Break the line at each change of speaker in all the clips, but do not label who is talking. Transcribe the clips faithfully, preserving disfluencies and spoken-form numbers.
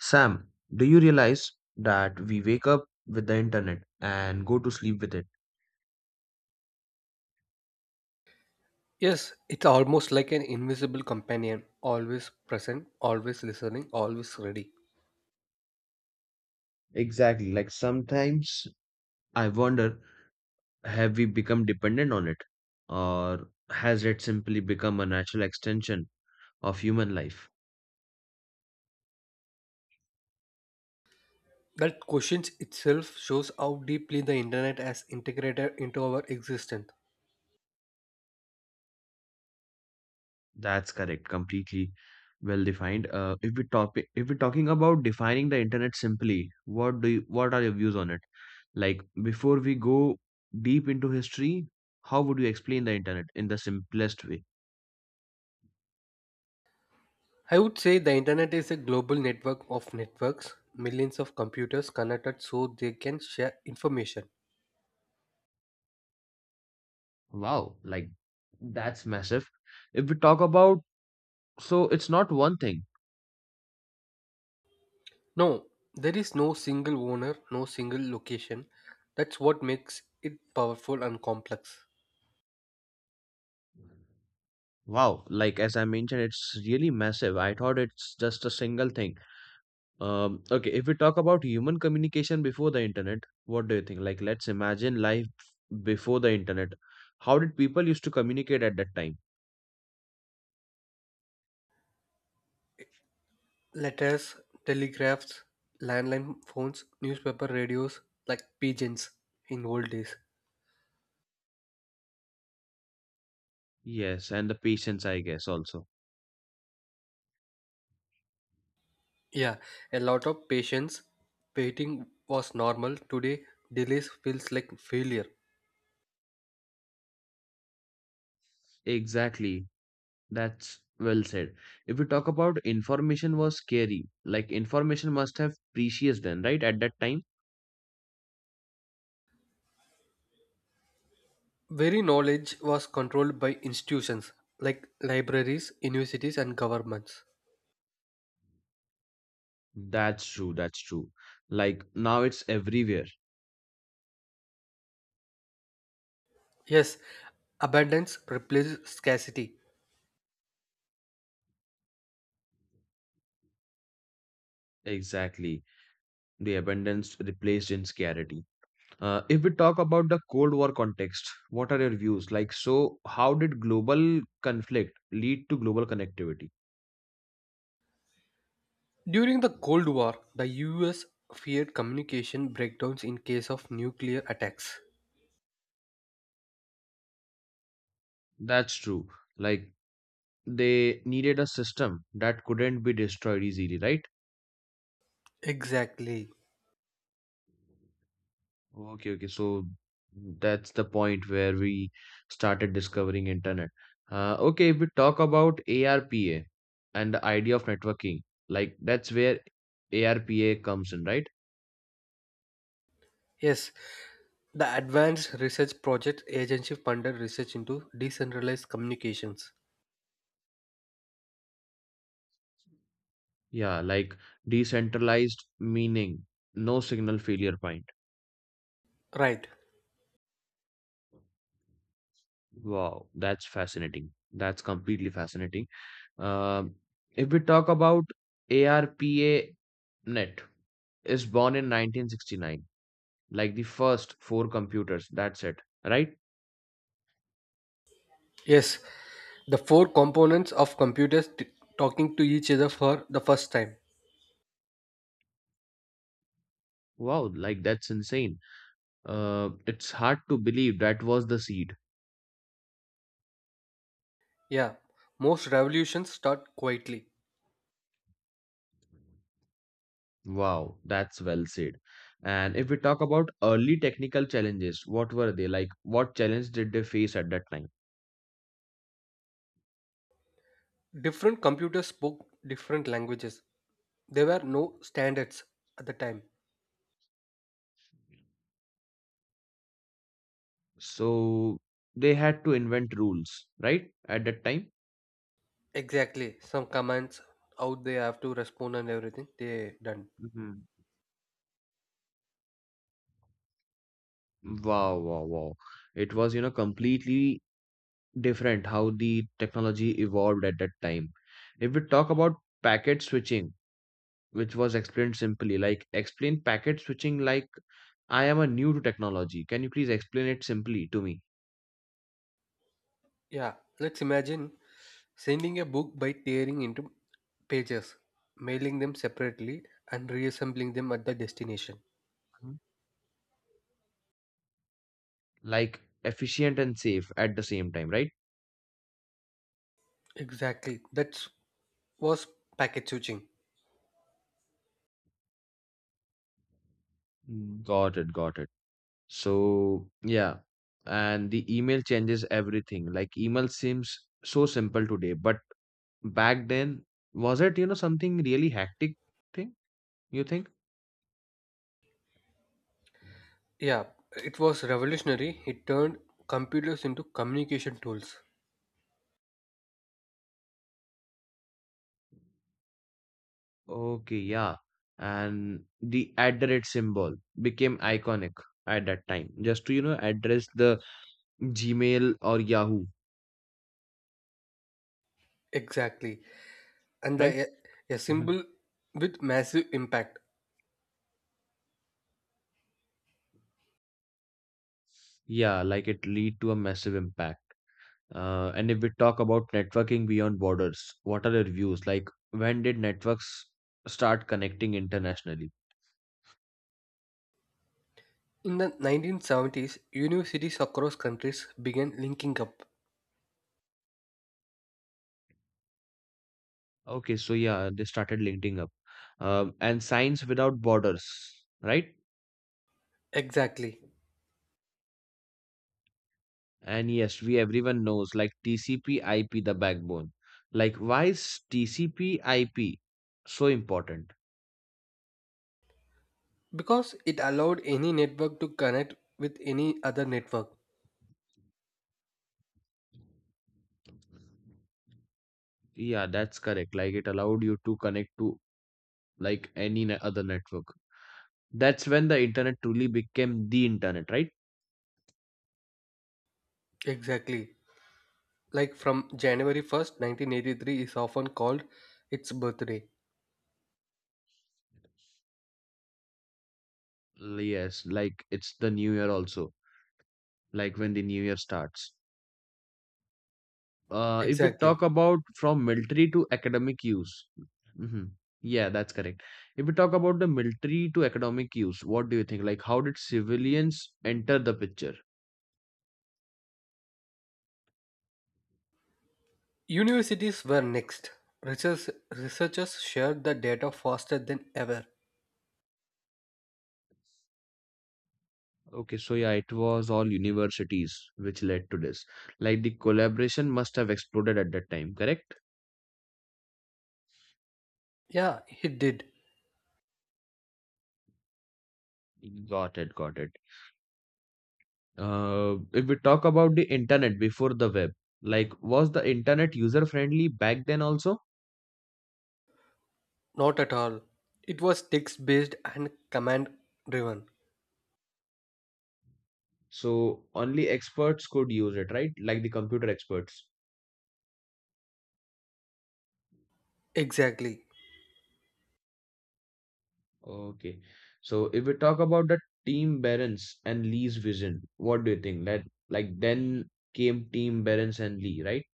Sam, do you realize that we wake up with the internet and go to sleep with it?
Yes, it's almost like an invisible companion, always present, always listening, always ready.
Exactly. Like sometimes I wonder, have we become dependent on it? Or has it simply become a natural extension of human life?
That question itself shows how deeply the internet has integrated into our existence.
That's correct, completely well defined. Uh, if we talk, if we're talking about defining the internet simply, what do you, what are your views on it? Like before we go deep into history, how would you explain the internet in the simplest way?
I would say the internet is a global network of networks, millions of computers connected so they can share information.
Wow, like that's massive. If we talk about, So it's not one thing.
No, there is no single owner, no single location. That's what makes it powerful and complex.
Wow, like as I mentioned, it's really massive. I thought it's just a single thing. Um, okay, if we talk about human communication before the internet, what do you think? Like, let's imagine life before the internet. How did people used to communicate at that time?
Letters, telegraphs, landline phones, newspaper, radios, like pigeons in old days.
Yes, and the patience, I guess, also.
Yeah, a lot of patience. Waiting was normal. Today, delays feels like failure.
Exactly. That's well said. If we talk about information was scary, like information must have precious then, right? At that time.
Very knowledge was controlled by institutions like libraries, universities, and governments.
That's true, that's true. Like now it's everywhere.
Yes, abundance replaces scarcity.
Exactly. The abundance replaced in scarcity. Uh, if we talk about the Cold War context, what are your views? Like, so how did global conflict lead to global connectivity?
During the Cold War, the U S feared communication breakdowns in case of nuclear attacks.
That's true. Like, they needed a system that couldn't be destroyed easily, right?
Exactly.
Okay, okay. So that's the point where we started discovering internet. Uh, okay, if we talk about ARPA and the idea of networking, like that's where ARPA comes in, right?
Yes, the Advanced Research Project Agency funded research into decentralized communications.
Yeah, like decentralized meaning, no signal failure point.
Right.
Wow, that's fascinating. That's completely fascinating. Um, if we talk about ARPA net is born in nineteen sixty-nine like the first four computers. That's it, right?
Yes, the four components of computers t- talking to each other for the first time.
Wow, like that's insane. Uh, it's hard to believe that was the seed.
Yeah, most revolutions start quietly.
Wow, that's well said. And if we talk about early technical challenges, what were they like? What challenge did they face at that time?
Different computers spoke different languages. There were no standards at the time.
So they had to invent rules, right? At that time.
Exactly, some commands, how they have to respond and everything, they done.
Mhm. Wow, wow, wow. It was, you know, completely different how the technology evolved at that time. If we talk about packet switching, which was explained simply like explain packet switching like I am a new to technology can you please explain it simply to me.
Yeah, let's imagine sending a book by tearing into pages, mailing them separately, and reassembling them at the destination.
Mhm. Like efficient and safe at the same time, right?
Exactly. That was packet switching.
Mm. Got it, got it. So yeah, and the email changes everything like email seems so simple today but back then was it you know something really hectic thing you think?
Yeah, it was revolutionary. It turned computers into communication tools.
Okay, yeah, and the at the rate symbol became iconic at that time just to you know address the Gmail or Yahoo,
Exactly. And
right?
the a, a
Mhm.
symbol with massive impact.
Yeah, like it lead to a massive impact. Uh, and if we talk about networking beyond borders, what are your views? Like, when did networks start connecting internationally?
In the nineteen seventies, universities across countries began linking up.
Okay, so yeah, they started linking up. Um, and science without borders, right?
Exactly.
And yes, we everyone knows like T C P I P the backbone. Like, why is T C P I P so important?
Because it allowed any network to connect with any other network.
Yeah, that's correct. Like, it allowed you to connect to like any ne- other network. That's when the internet truly became the internet, right?
Exactly. Like from January first, nineteen eighty-three is often called its birthday.
Yes, like it's the new year also, like when the new year starts. Uh, if we
Exactly.
talk about from military to academic use, hmm, yeah, that's correct. If we talk about the military to academic use, what do you think? Like, how did civilians enter the picture?
Universities were next. Research, researchers shared the data faster than ever.
Okay, so yeah, it was all universities which led to this. Like, the collaboration must have exploded at that time, correct?
Yeah, he did.
Got it, got it. Uh, if we talk about the internet before the web, like was the internet user friendly back then also?
Not at all. It was text based and command driven.
So only experts could use it, right? Like the computer experts.
Exactly.
Okay. So if we talk about the Team Barents and Lee's vision, what do you think? That like then came Team Barents and Lee, right?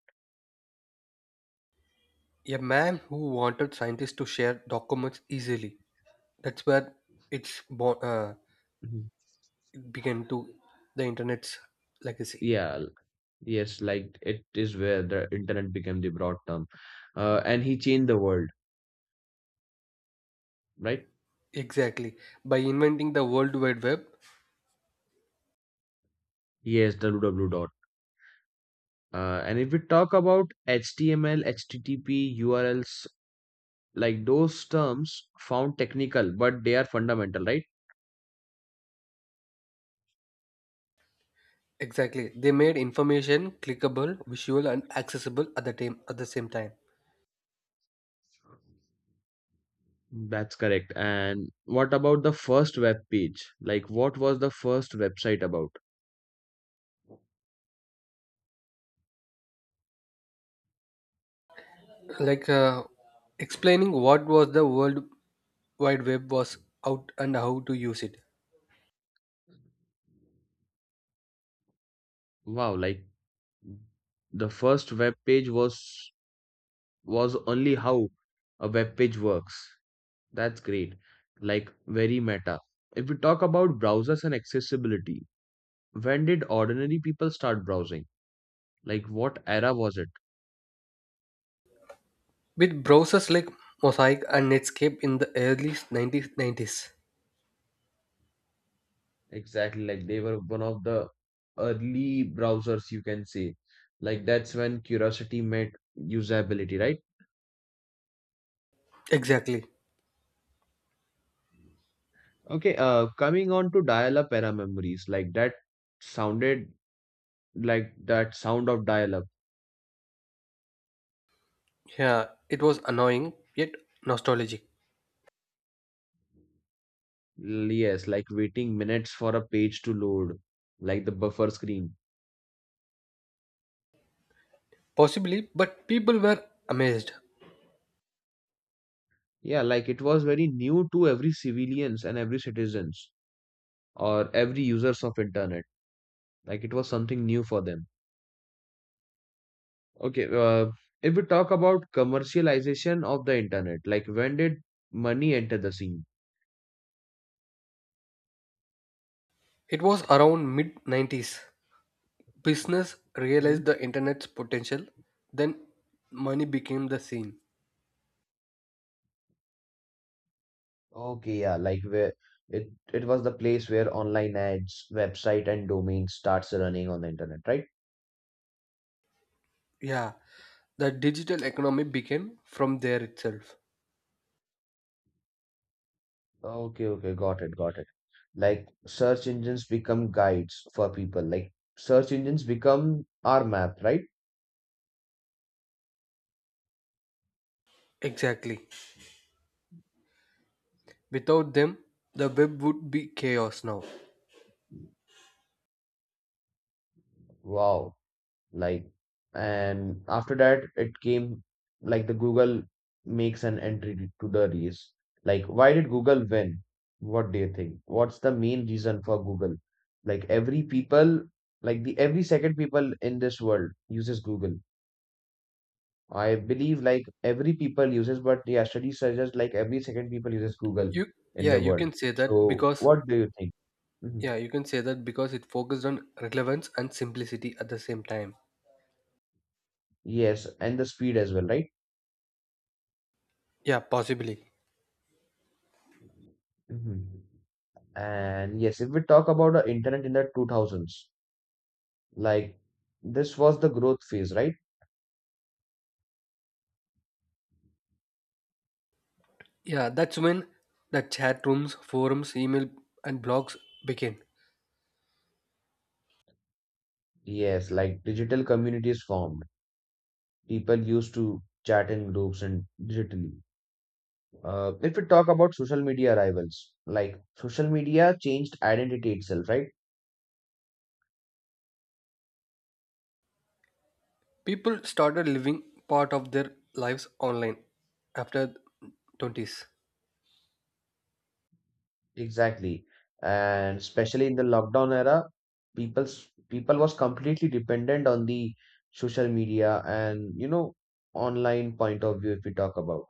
A man who wanted scientists to share documents easily. That's where it's born, uh,
Mhm.
it began to the internet's legacy.
Yeah, l- yes, like it is where the internet became the broad term. Uh, and he changed the world, right?
Exactly. By inventing the World Wide Web.
Yes, the W W W dot. Uh, and if we talk about H T M L, H T T P, U R Ls, like those terms found technical, but they are fundamental, right?
Exactly. They made information clickable, visual, and accessible at the time. At the same time,
That's correct. And what about the first web page? Like, what was the first website about?
like uh, explaining what was the World Wide Web was out and how to use it.
Wow, like the first web page was was only how a web page works. That's great. Like very meta. If we talk about browsers and accessibility, when did ordinary people start browsing? Like what era was it?
With browsers like Mosaic and Netscape in the early nineteen nineties.
Exactly, like they were one of the early browsers, you can say. Like that's when curiosity met usability, right?
Exactly.
Okay, uh, coming on to dial-up era memories, like that sounded like that sound of dial-up. L-
Yeah, it was annoying yet nostalgic.
Yes, like waiting minutes for a page to load, like the buffer screen.
Possibly, but people were amazed.
Yeah, like it was very new to every civilians and every citizens or every users of internet. Like it was something new for them. Okay, uh, if we talk about commercialization of the internet, like when did money enter the scene?
It was around mid nineties. Business
Mhm.
realized the internet's potential, then money became the scene.
Okay, yeah, like where it it was the place where online ads, website, and domain starts running on the internet, right?
Yeah, the digital economy began from there itself.
Okay, okay, got it, got it. Like search engines become guides for people. Like search engines become our map, right?
Exactly. Without them, the web would be chaos now.
Wow. Like and after that it came like the Google makes an entry to the race. Like why did Google win? What do you think? What's the main reason for Google? Like every people like the every second people in this world uses Google. I believe like every people uses but yeah studies suggest like every second people uses Google
You
in
yeah,
the
you
world.
can say that
So
because
what do you think? Mhm.
yeah, you can say that because it focused on relevance and simplicity at the same time.
Yes, and the speed as well, right?
Yeah, possibly.
Mhm. And yes, if we talk about the internet in the two thousands, like this was the growth phase, right?
Yeah, that's when the chat rooms, forums, email and blogs began.
Yes, like digital communities formed. People used to chat in groups and digitally. Uh, if we talk about social media arrivals, like social media changed identity itself, right?
People started living part of their lives online after twenties.
Exactly. And especially in the lockdown era, people's people was completely dependent on the social media and you know online point of view if we talk about.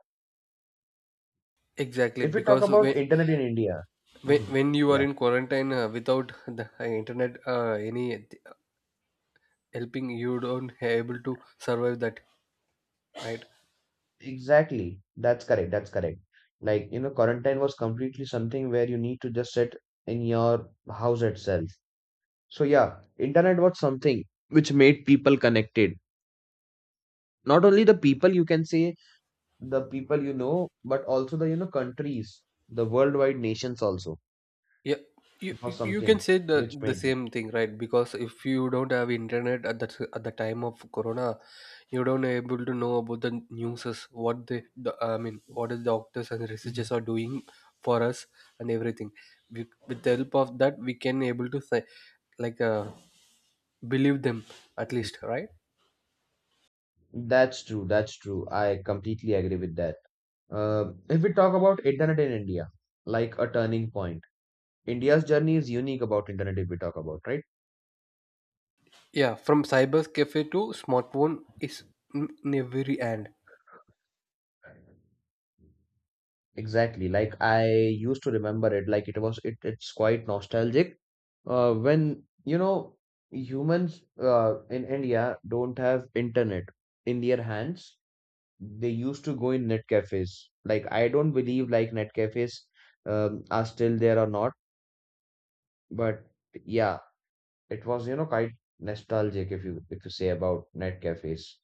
Exactly,
If we talk
because
about
when,
internet in India,
When,
mhm,
when you are
yeah,
in quarantine uh, without the uh, internet, uh, any uh, helping, you don't able to survive that, right?
exactly. That's correct. That's correct. Like, you know, quarantine was completely something where you need to just sit in your house itself. So, yeah, internet was something which made people connected. Not only the people, you can say the people you know, but also the, you know, countries, the worldwide nations also.
Yeah, you
It
you
was
you can
something
say the
which
the
made it.
same thing, right? Because if you don't have internet at the at the time of Corona, you don't able to know about the newses, what they, the I mean, what the doctors and
Mhm.
researchers are doing for us and everything. We, with the help of that, we can able to say like uh, believe them at least, right?
That's true. That's true. I completely agree with that. Uh, if we talk about internet in India, like a turning point, India's journey is unique about internet. If we talk about right,
Yeah, from cyber cafe to smartphone is in in every hand.
exactly. Like I used to remember it, like it was it. It's quite nostalgic. Uh, when you know humans uh, in India don't have internet in their hands, they used to go in net cafes. Like I don't believe like net cafes um, are still there or not, but yeah it was you know quite nostalgic if you if you say about net cafes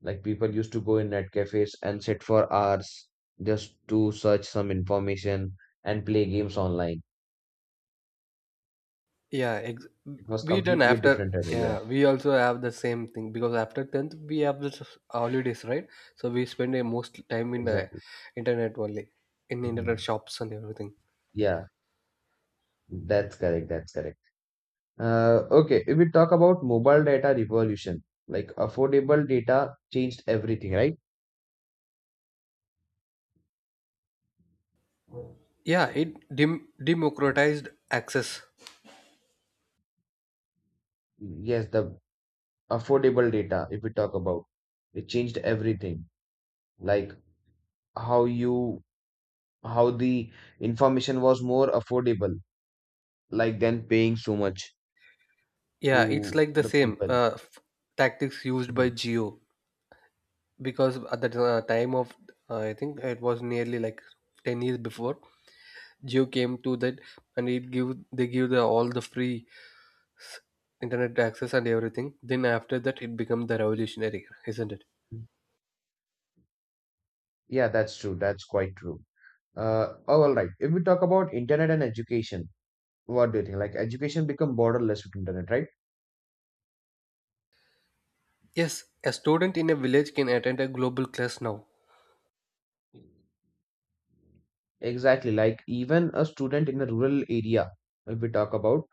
like people used to go in net cafes and sit for hours just to search some information and play games online.
Yeah, ex-
It was
we done
completely a
after.
different era. Yeah,
Yeah, we also have the same thing because after tenth we have the s- holidays, right? So we spend uh, most time in the
exactly.
internet only, in internet
Mhm.
shops and everything.
Yeah, that's correct, that's correct. Uh, okay, if we talk about mobile data revolution like affordable data changed everything, right?
Yeah, it dem- democratized access.
Yes, the affordable data if we talk about it changed everything, like how you how the information was more affordable, like than paying so much
Yeah, it's
to
like the
the
same
people.
uh, f- tactics used by
Mhm.
Geo because at the uh, time of uh, I think it was nearly like ten years before Geo came to that, and it give they give the all the free s- internet access and everything. Then after that, it become the revolutionary, isn't it?
Yeah, that's true. That's quite true. Uh, oh, all right. If we talk about internet and education, what do you think? Like education become borderless with internet, right?
Yes, a student in a village can attend a global class now.
Exactly. Like even a student in a rural area, if we talk about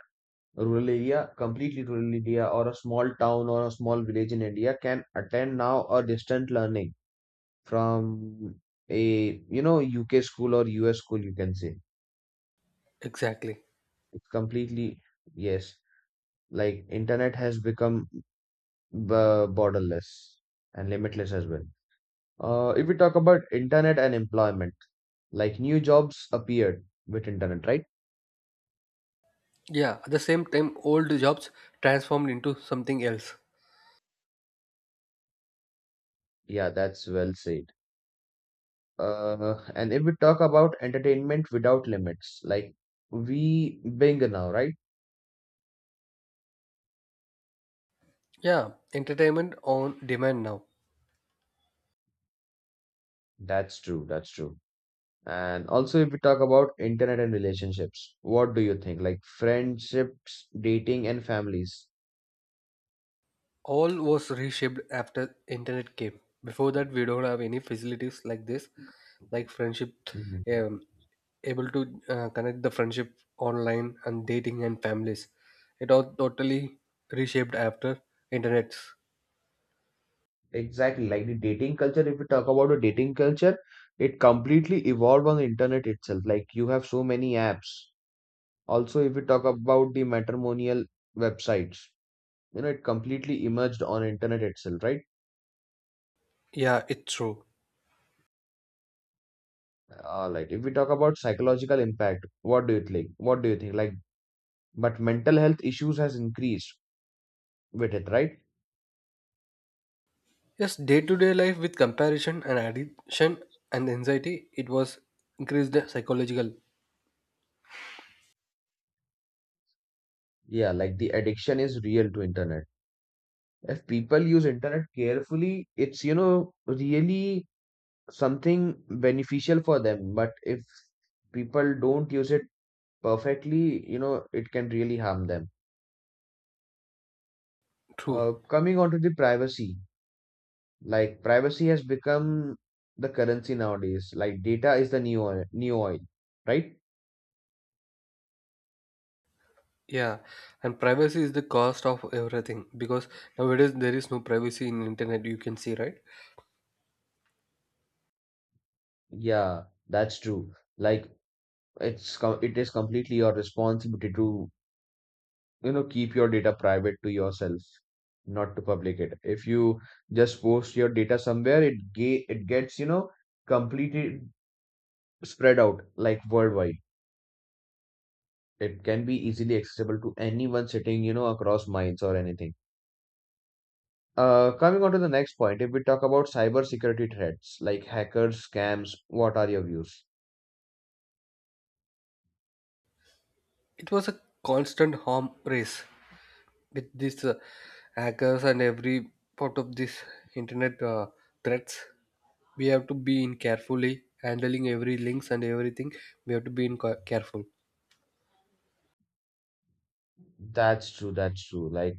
rural area, completely rural area or a small town or a small village in India can attend now a distant learning from a you know U K school or U S school you can say.
Exactly.
It's completely Yes, like internet has become b- borderless and limitless as well. Uh, if we talk about internet and employment like new jobs appeared with internet, right?
Yeah, at the same time, old jobs transformed into something else.
Yeah, that's well said. Uh, and if we talk about entertainment without limits like we Bing now, right?
Yeah, entertainment on demand now.
That's true, that's true. And also, if we talk about internet and relationships, what do you think? Like friendships, dating, and families.
All was reshaped after internet came. Before that, we don't have any facilities like this, like friendship,
Mhm.
um, able to uh, connect the friendship online and dating and families. It all totally reshaped after internet.
Exactly. Like the dating culture, if we talk about the dating culture, it completely evolved on the internet itself. Like you have so many apps. Also, if we talk about the matrimonial websites, you know, it completely emerged on internet itself, right?
Yeah, it's true.
All right. If we talk about psychological impact, what do you think? What do you think? Like, but mental health issues has increased with it, right?
Yes, day to day life with comparison and addiction and anxiety, it was increased the psychological.
Yeah, like the addiction is real to internet. If people use internet carefully, it's, you know, really something beneficial for them. But if people don't use it perfectly, you know, it can really harm them.
True.
Uh, coming on to the privacy, like privacy has become the currency nowadays. Like data is the new oil, new oil, right?
Yeah, and privacy is the cost of everything because nowadays there is no privacy in internet. You can see, right?
Yeah, that's true. Like it's co- it is completely your responsibility to, you know, keep your data private to yourself, not to public it. If you just post your data somewhere, it ge- it gets, you know, completely spread out, like worldwide. It can be easily accessible to anyone sitting, you know, across minds or anything. Uh, coming on to the next point, if we talk about cyber security threats like hackers, scams, what are your views?
It was a constant harm race with these uh, hackers and every part of this internet uh, threats. We have to be in carefully handling every links and everything. We have to be in ca- careful.
That's true, that's true. Like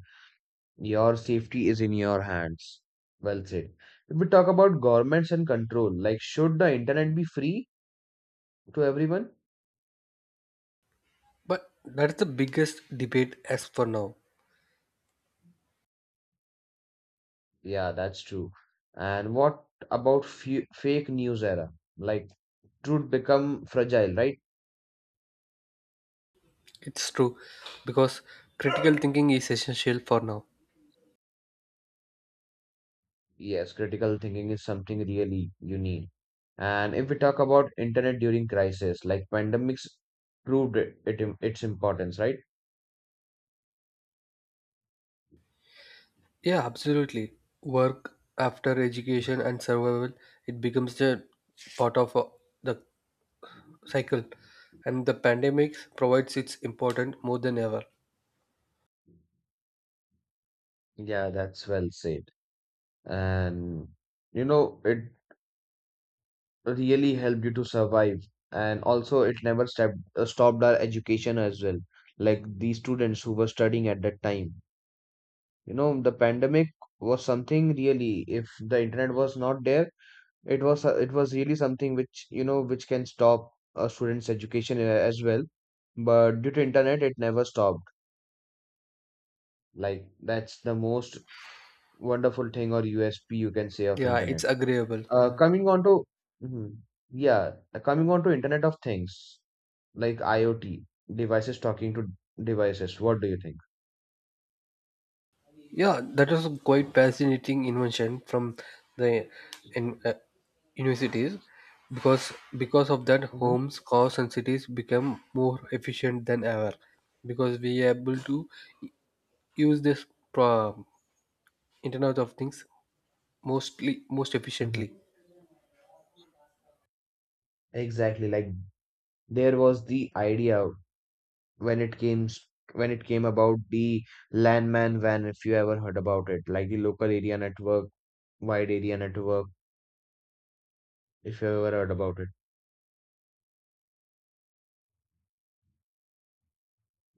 your safety is in your hands. Well said. If we talk about governments and control, like should the internet be free to everyone?
But that's the biggest debate as for now.
Yeah, that's true. And what about fe fake news era? Like truth become fragile, right?
It's true because critical thinking is essential for now.
Yes, critical thinking is something really you need. And if we talk about internet during crisis, like pandemics proved it, it im- its importance, right?
Yeah, absolutely. Work after education and survival, it becomes the part of uh, the cycle. And the pandemics provides its important more than ever.
Yeah, that's well said. And you know, it really helped you to survive. And also, it never stopped uh, stopped our education as well. Like the students who were studying at that time, you know, the pandemic was something really. If the internet was not there, it was it was really something which, you know, which can stop a student's education a- as well. But due to internet, it never stopped. Like that's the most wonderful thing or U S P you can say of
Yeah, it's
internet.
agreeable.
Uh,
Yeah,
coming on to Mhm. Yeah, uh, coming on to Internet of Things, like IoT devices talking to devices. What do you think?
yeah, that was a quite fascinating invention from the in, uh, universities because because of that,
Mm-hmm.
homes, cars, and cities become more efficient than ever because we are able to use this pro- Internet of Things mostly most
Mm-hmm.
efficiently.
Exactly. Like there was the idea when it came s- when it came about the landman van, if you ever heard about it, like the local area network, wide area network, if you ever heard about it.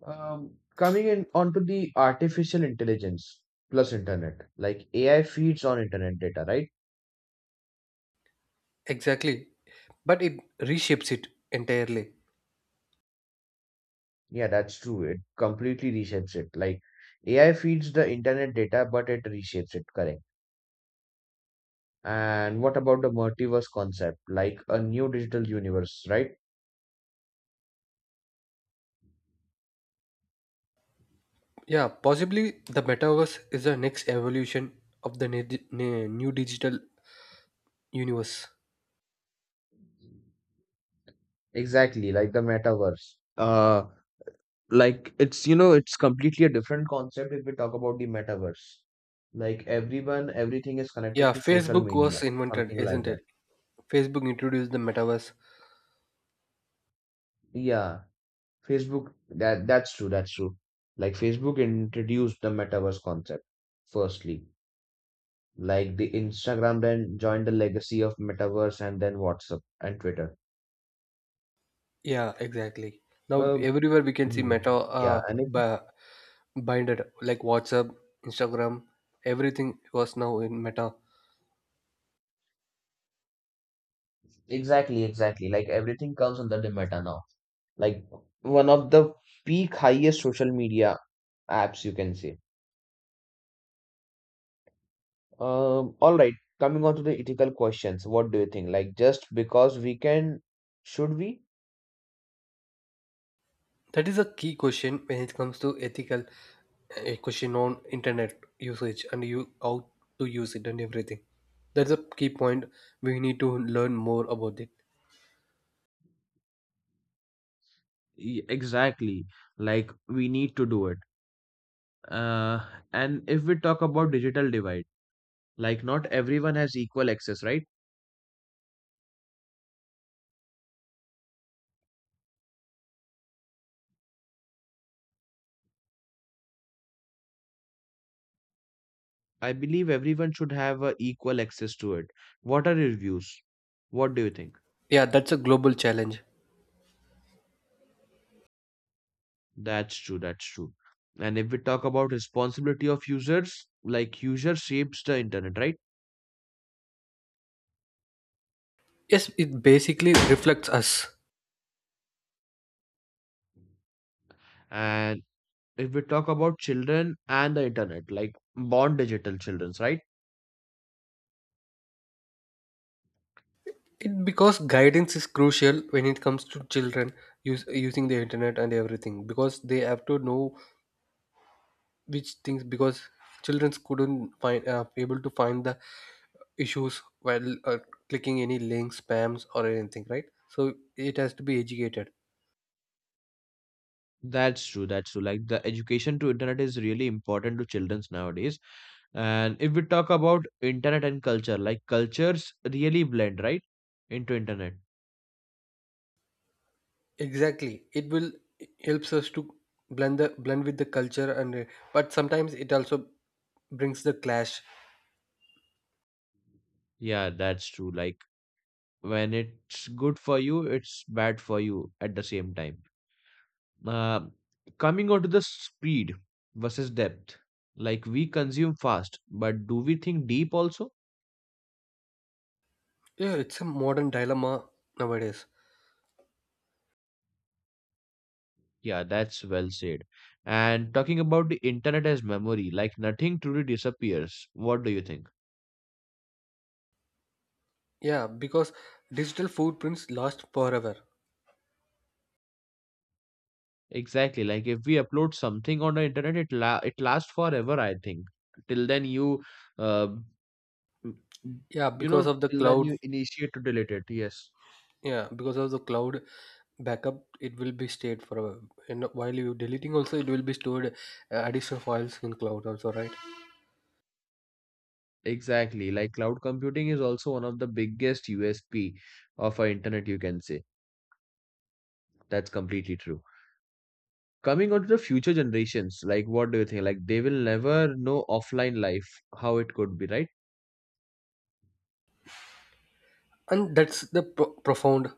um, Coming in onto the artificial intelligence plus internet, like AI feeds on internet data, right?
Exactly, but it reshapes it entirely.
Yeah, that's true, it completely reshapes it. Like AI feeds the internet data, but it reshapes it, correct. And what about the multiverse concept, like a new digital universe, right?
Yeah, possibly the metaverse is the next evolution of the ne- ne- new digital universe.
Exactly, like the metaverse. Uh, like it's, you know, it's completely a different concept if we talk about the metaverse. Like everyone, everything is connected
Yeah,
to social
Facebook
media,
was invented,
something like
isn't
that.
it? Facebook introduced the metaverse.
Yeah, Facebook, that that's true, that's true. Like Facebook introduced the metaverse concept firstly. Like the Instagram then joined the legacy of metaverse, and then WhatsApp and Twitter.
Yeah, exactly. Now
uh,
everywhere we can see meta
mhm. yeah
uh
and it,
ba- binded like WhatsApp, Instagram, everything was now in meta.
exactly, exactly, like everything comes under the meta now. Like one of the peak highest social media apps you can say. Um all right, coming on to the ethical questions, what do you think? Like just because we can, should we?
That is a key question when it comes to ethical uh, question on internet usage and you how to use it and everything. That's a key point. We need to learn more about it.
Y- Exactly. Like we need to do it. Uh, and if we talk about digital divide, like not everyone has equal access, right? I believe everyone should have uh, equal access to it. What are your views? What do you think?
Yeah, that's a global challenge.
That's true, that's true. And if we talk about responsibility of users, like user shapes the internet,
Yes, it basically reflects us.
right? If we talk about children and the internet, like born digital children's, right?
It, because guidance is crucial when it comes to children use, using the internet and everything because they have to know which things because children couldn't find uh, able to find the issues while uh, clicking any links spams or anything, right. So it has to be educated.
That's true. That's true. Like the education to internet is really important to children's nowadays. And if we talk about internet and culture, like cultures really blend, right? Into internet.
Exactly, it will it helps us to blend the blend with the culture and uh, but sometimes it also brings the clash.
Yeah, that's true. Like when it's good for you, it's bad for you at the same time. Uh, Coming on to the speed versus depth, like we consume fast, but do we think deep also?
Yeah, it's a modern dilemma nowadays.
Yeah, that's well said. And talking about the internet as memory, like nothing truly disappears. What do you think?
Yeah, because digital footprints last forever.
Exactly. Like if we upload something on the internet, it la it lasts forever, I think. Till then you uh m- m-
Yeah,
you
because
know,
of the
till then
cloud.
you initiate to delete it. Yes.
Yeah, because of the cloud backup, it will be stayed forever. And while you deleting, also it will be stored uh, additional files in cloud also, right?
Exactly. Like cloud computing is also one of the biggest U S P of our internet, you can say. That's completely true. Coming on to the future generations, like what do you think? Like they will never know offline life, how it could be, right?
And that's the pro- profound.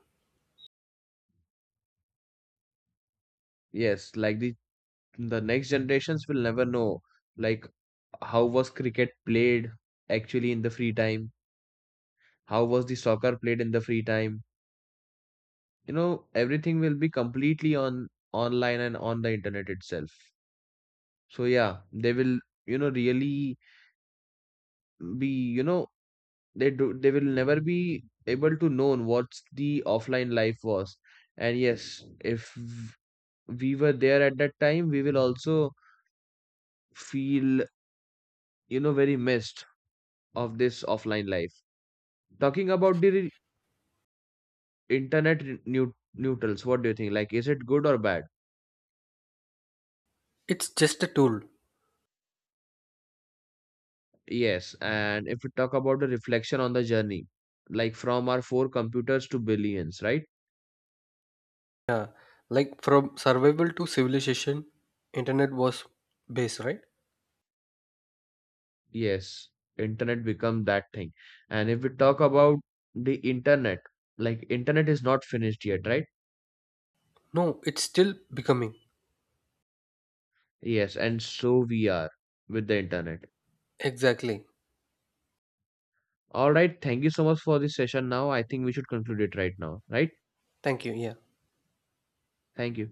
Yes, like the the next generations will never know, like how was cricket played actually in the free time, how was the soccer played in the free time. You know, everything will be completely on online and on the internet itself. So yeah, they will, you know, really be, you know, they do they will never be able to know what's the offline life was. And yes, if we were there at that time, we will also feel, you know, very missed of this offline life. Talking about the re- internet re- neu- neutrals, what do you think? Like, is it good or bad?
It's just a tool.
Yes. And if we talk about the reflection on the journey, like from our four computers to billions, right?
Like from survival to civilization, internet was base, right?
Yes, internet become that thing. And if we talk about the internet, like internet is not finished yet, right?
No, it's still becoming.
Yes, and so we are with the internet.
Exactly.
All right, thank you so much for this session now. I think we should conclude it right now, right?
Thank you. Yeah.
Thank you.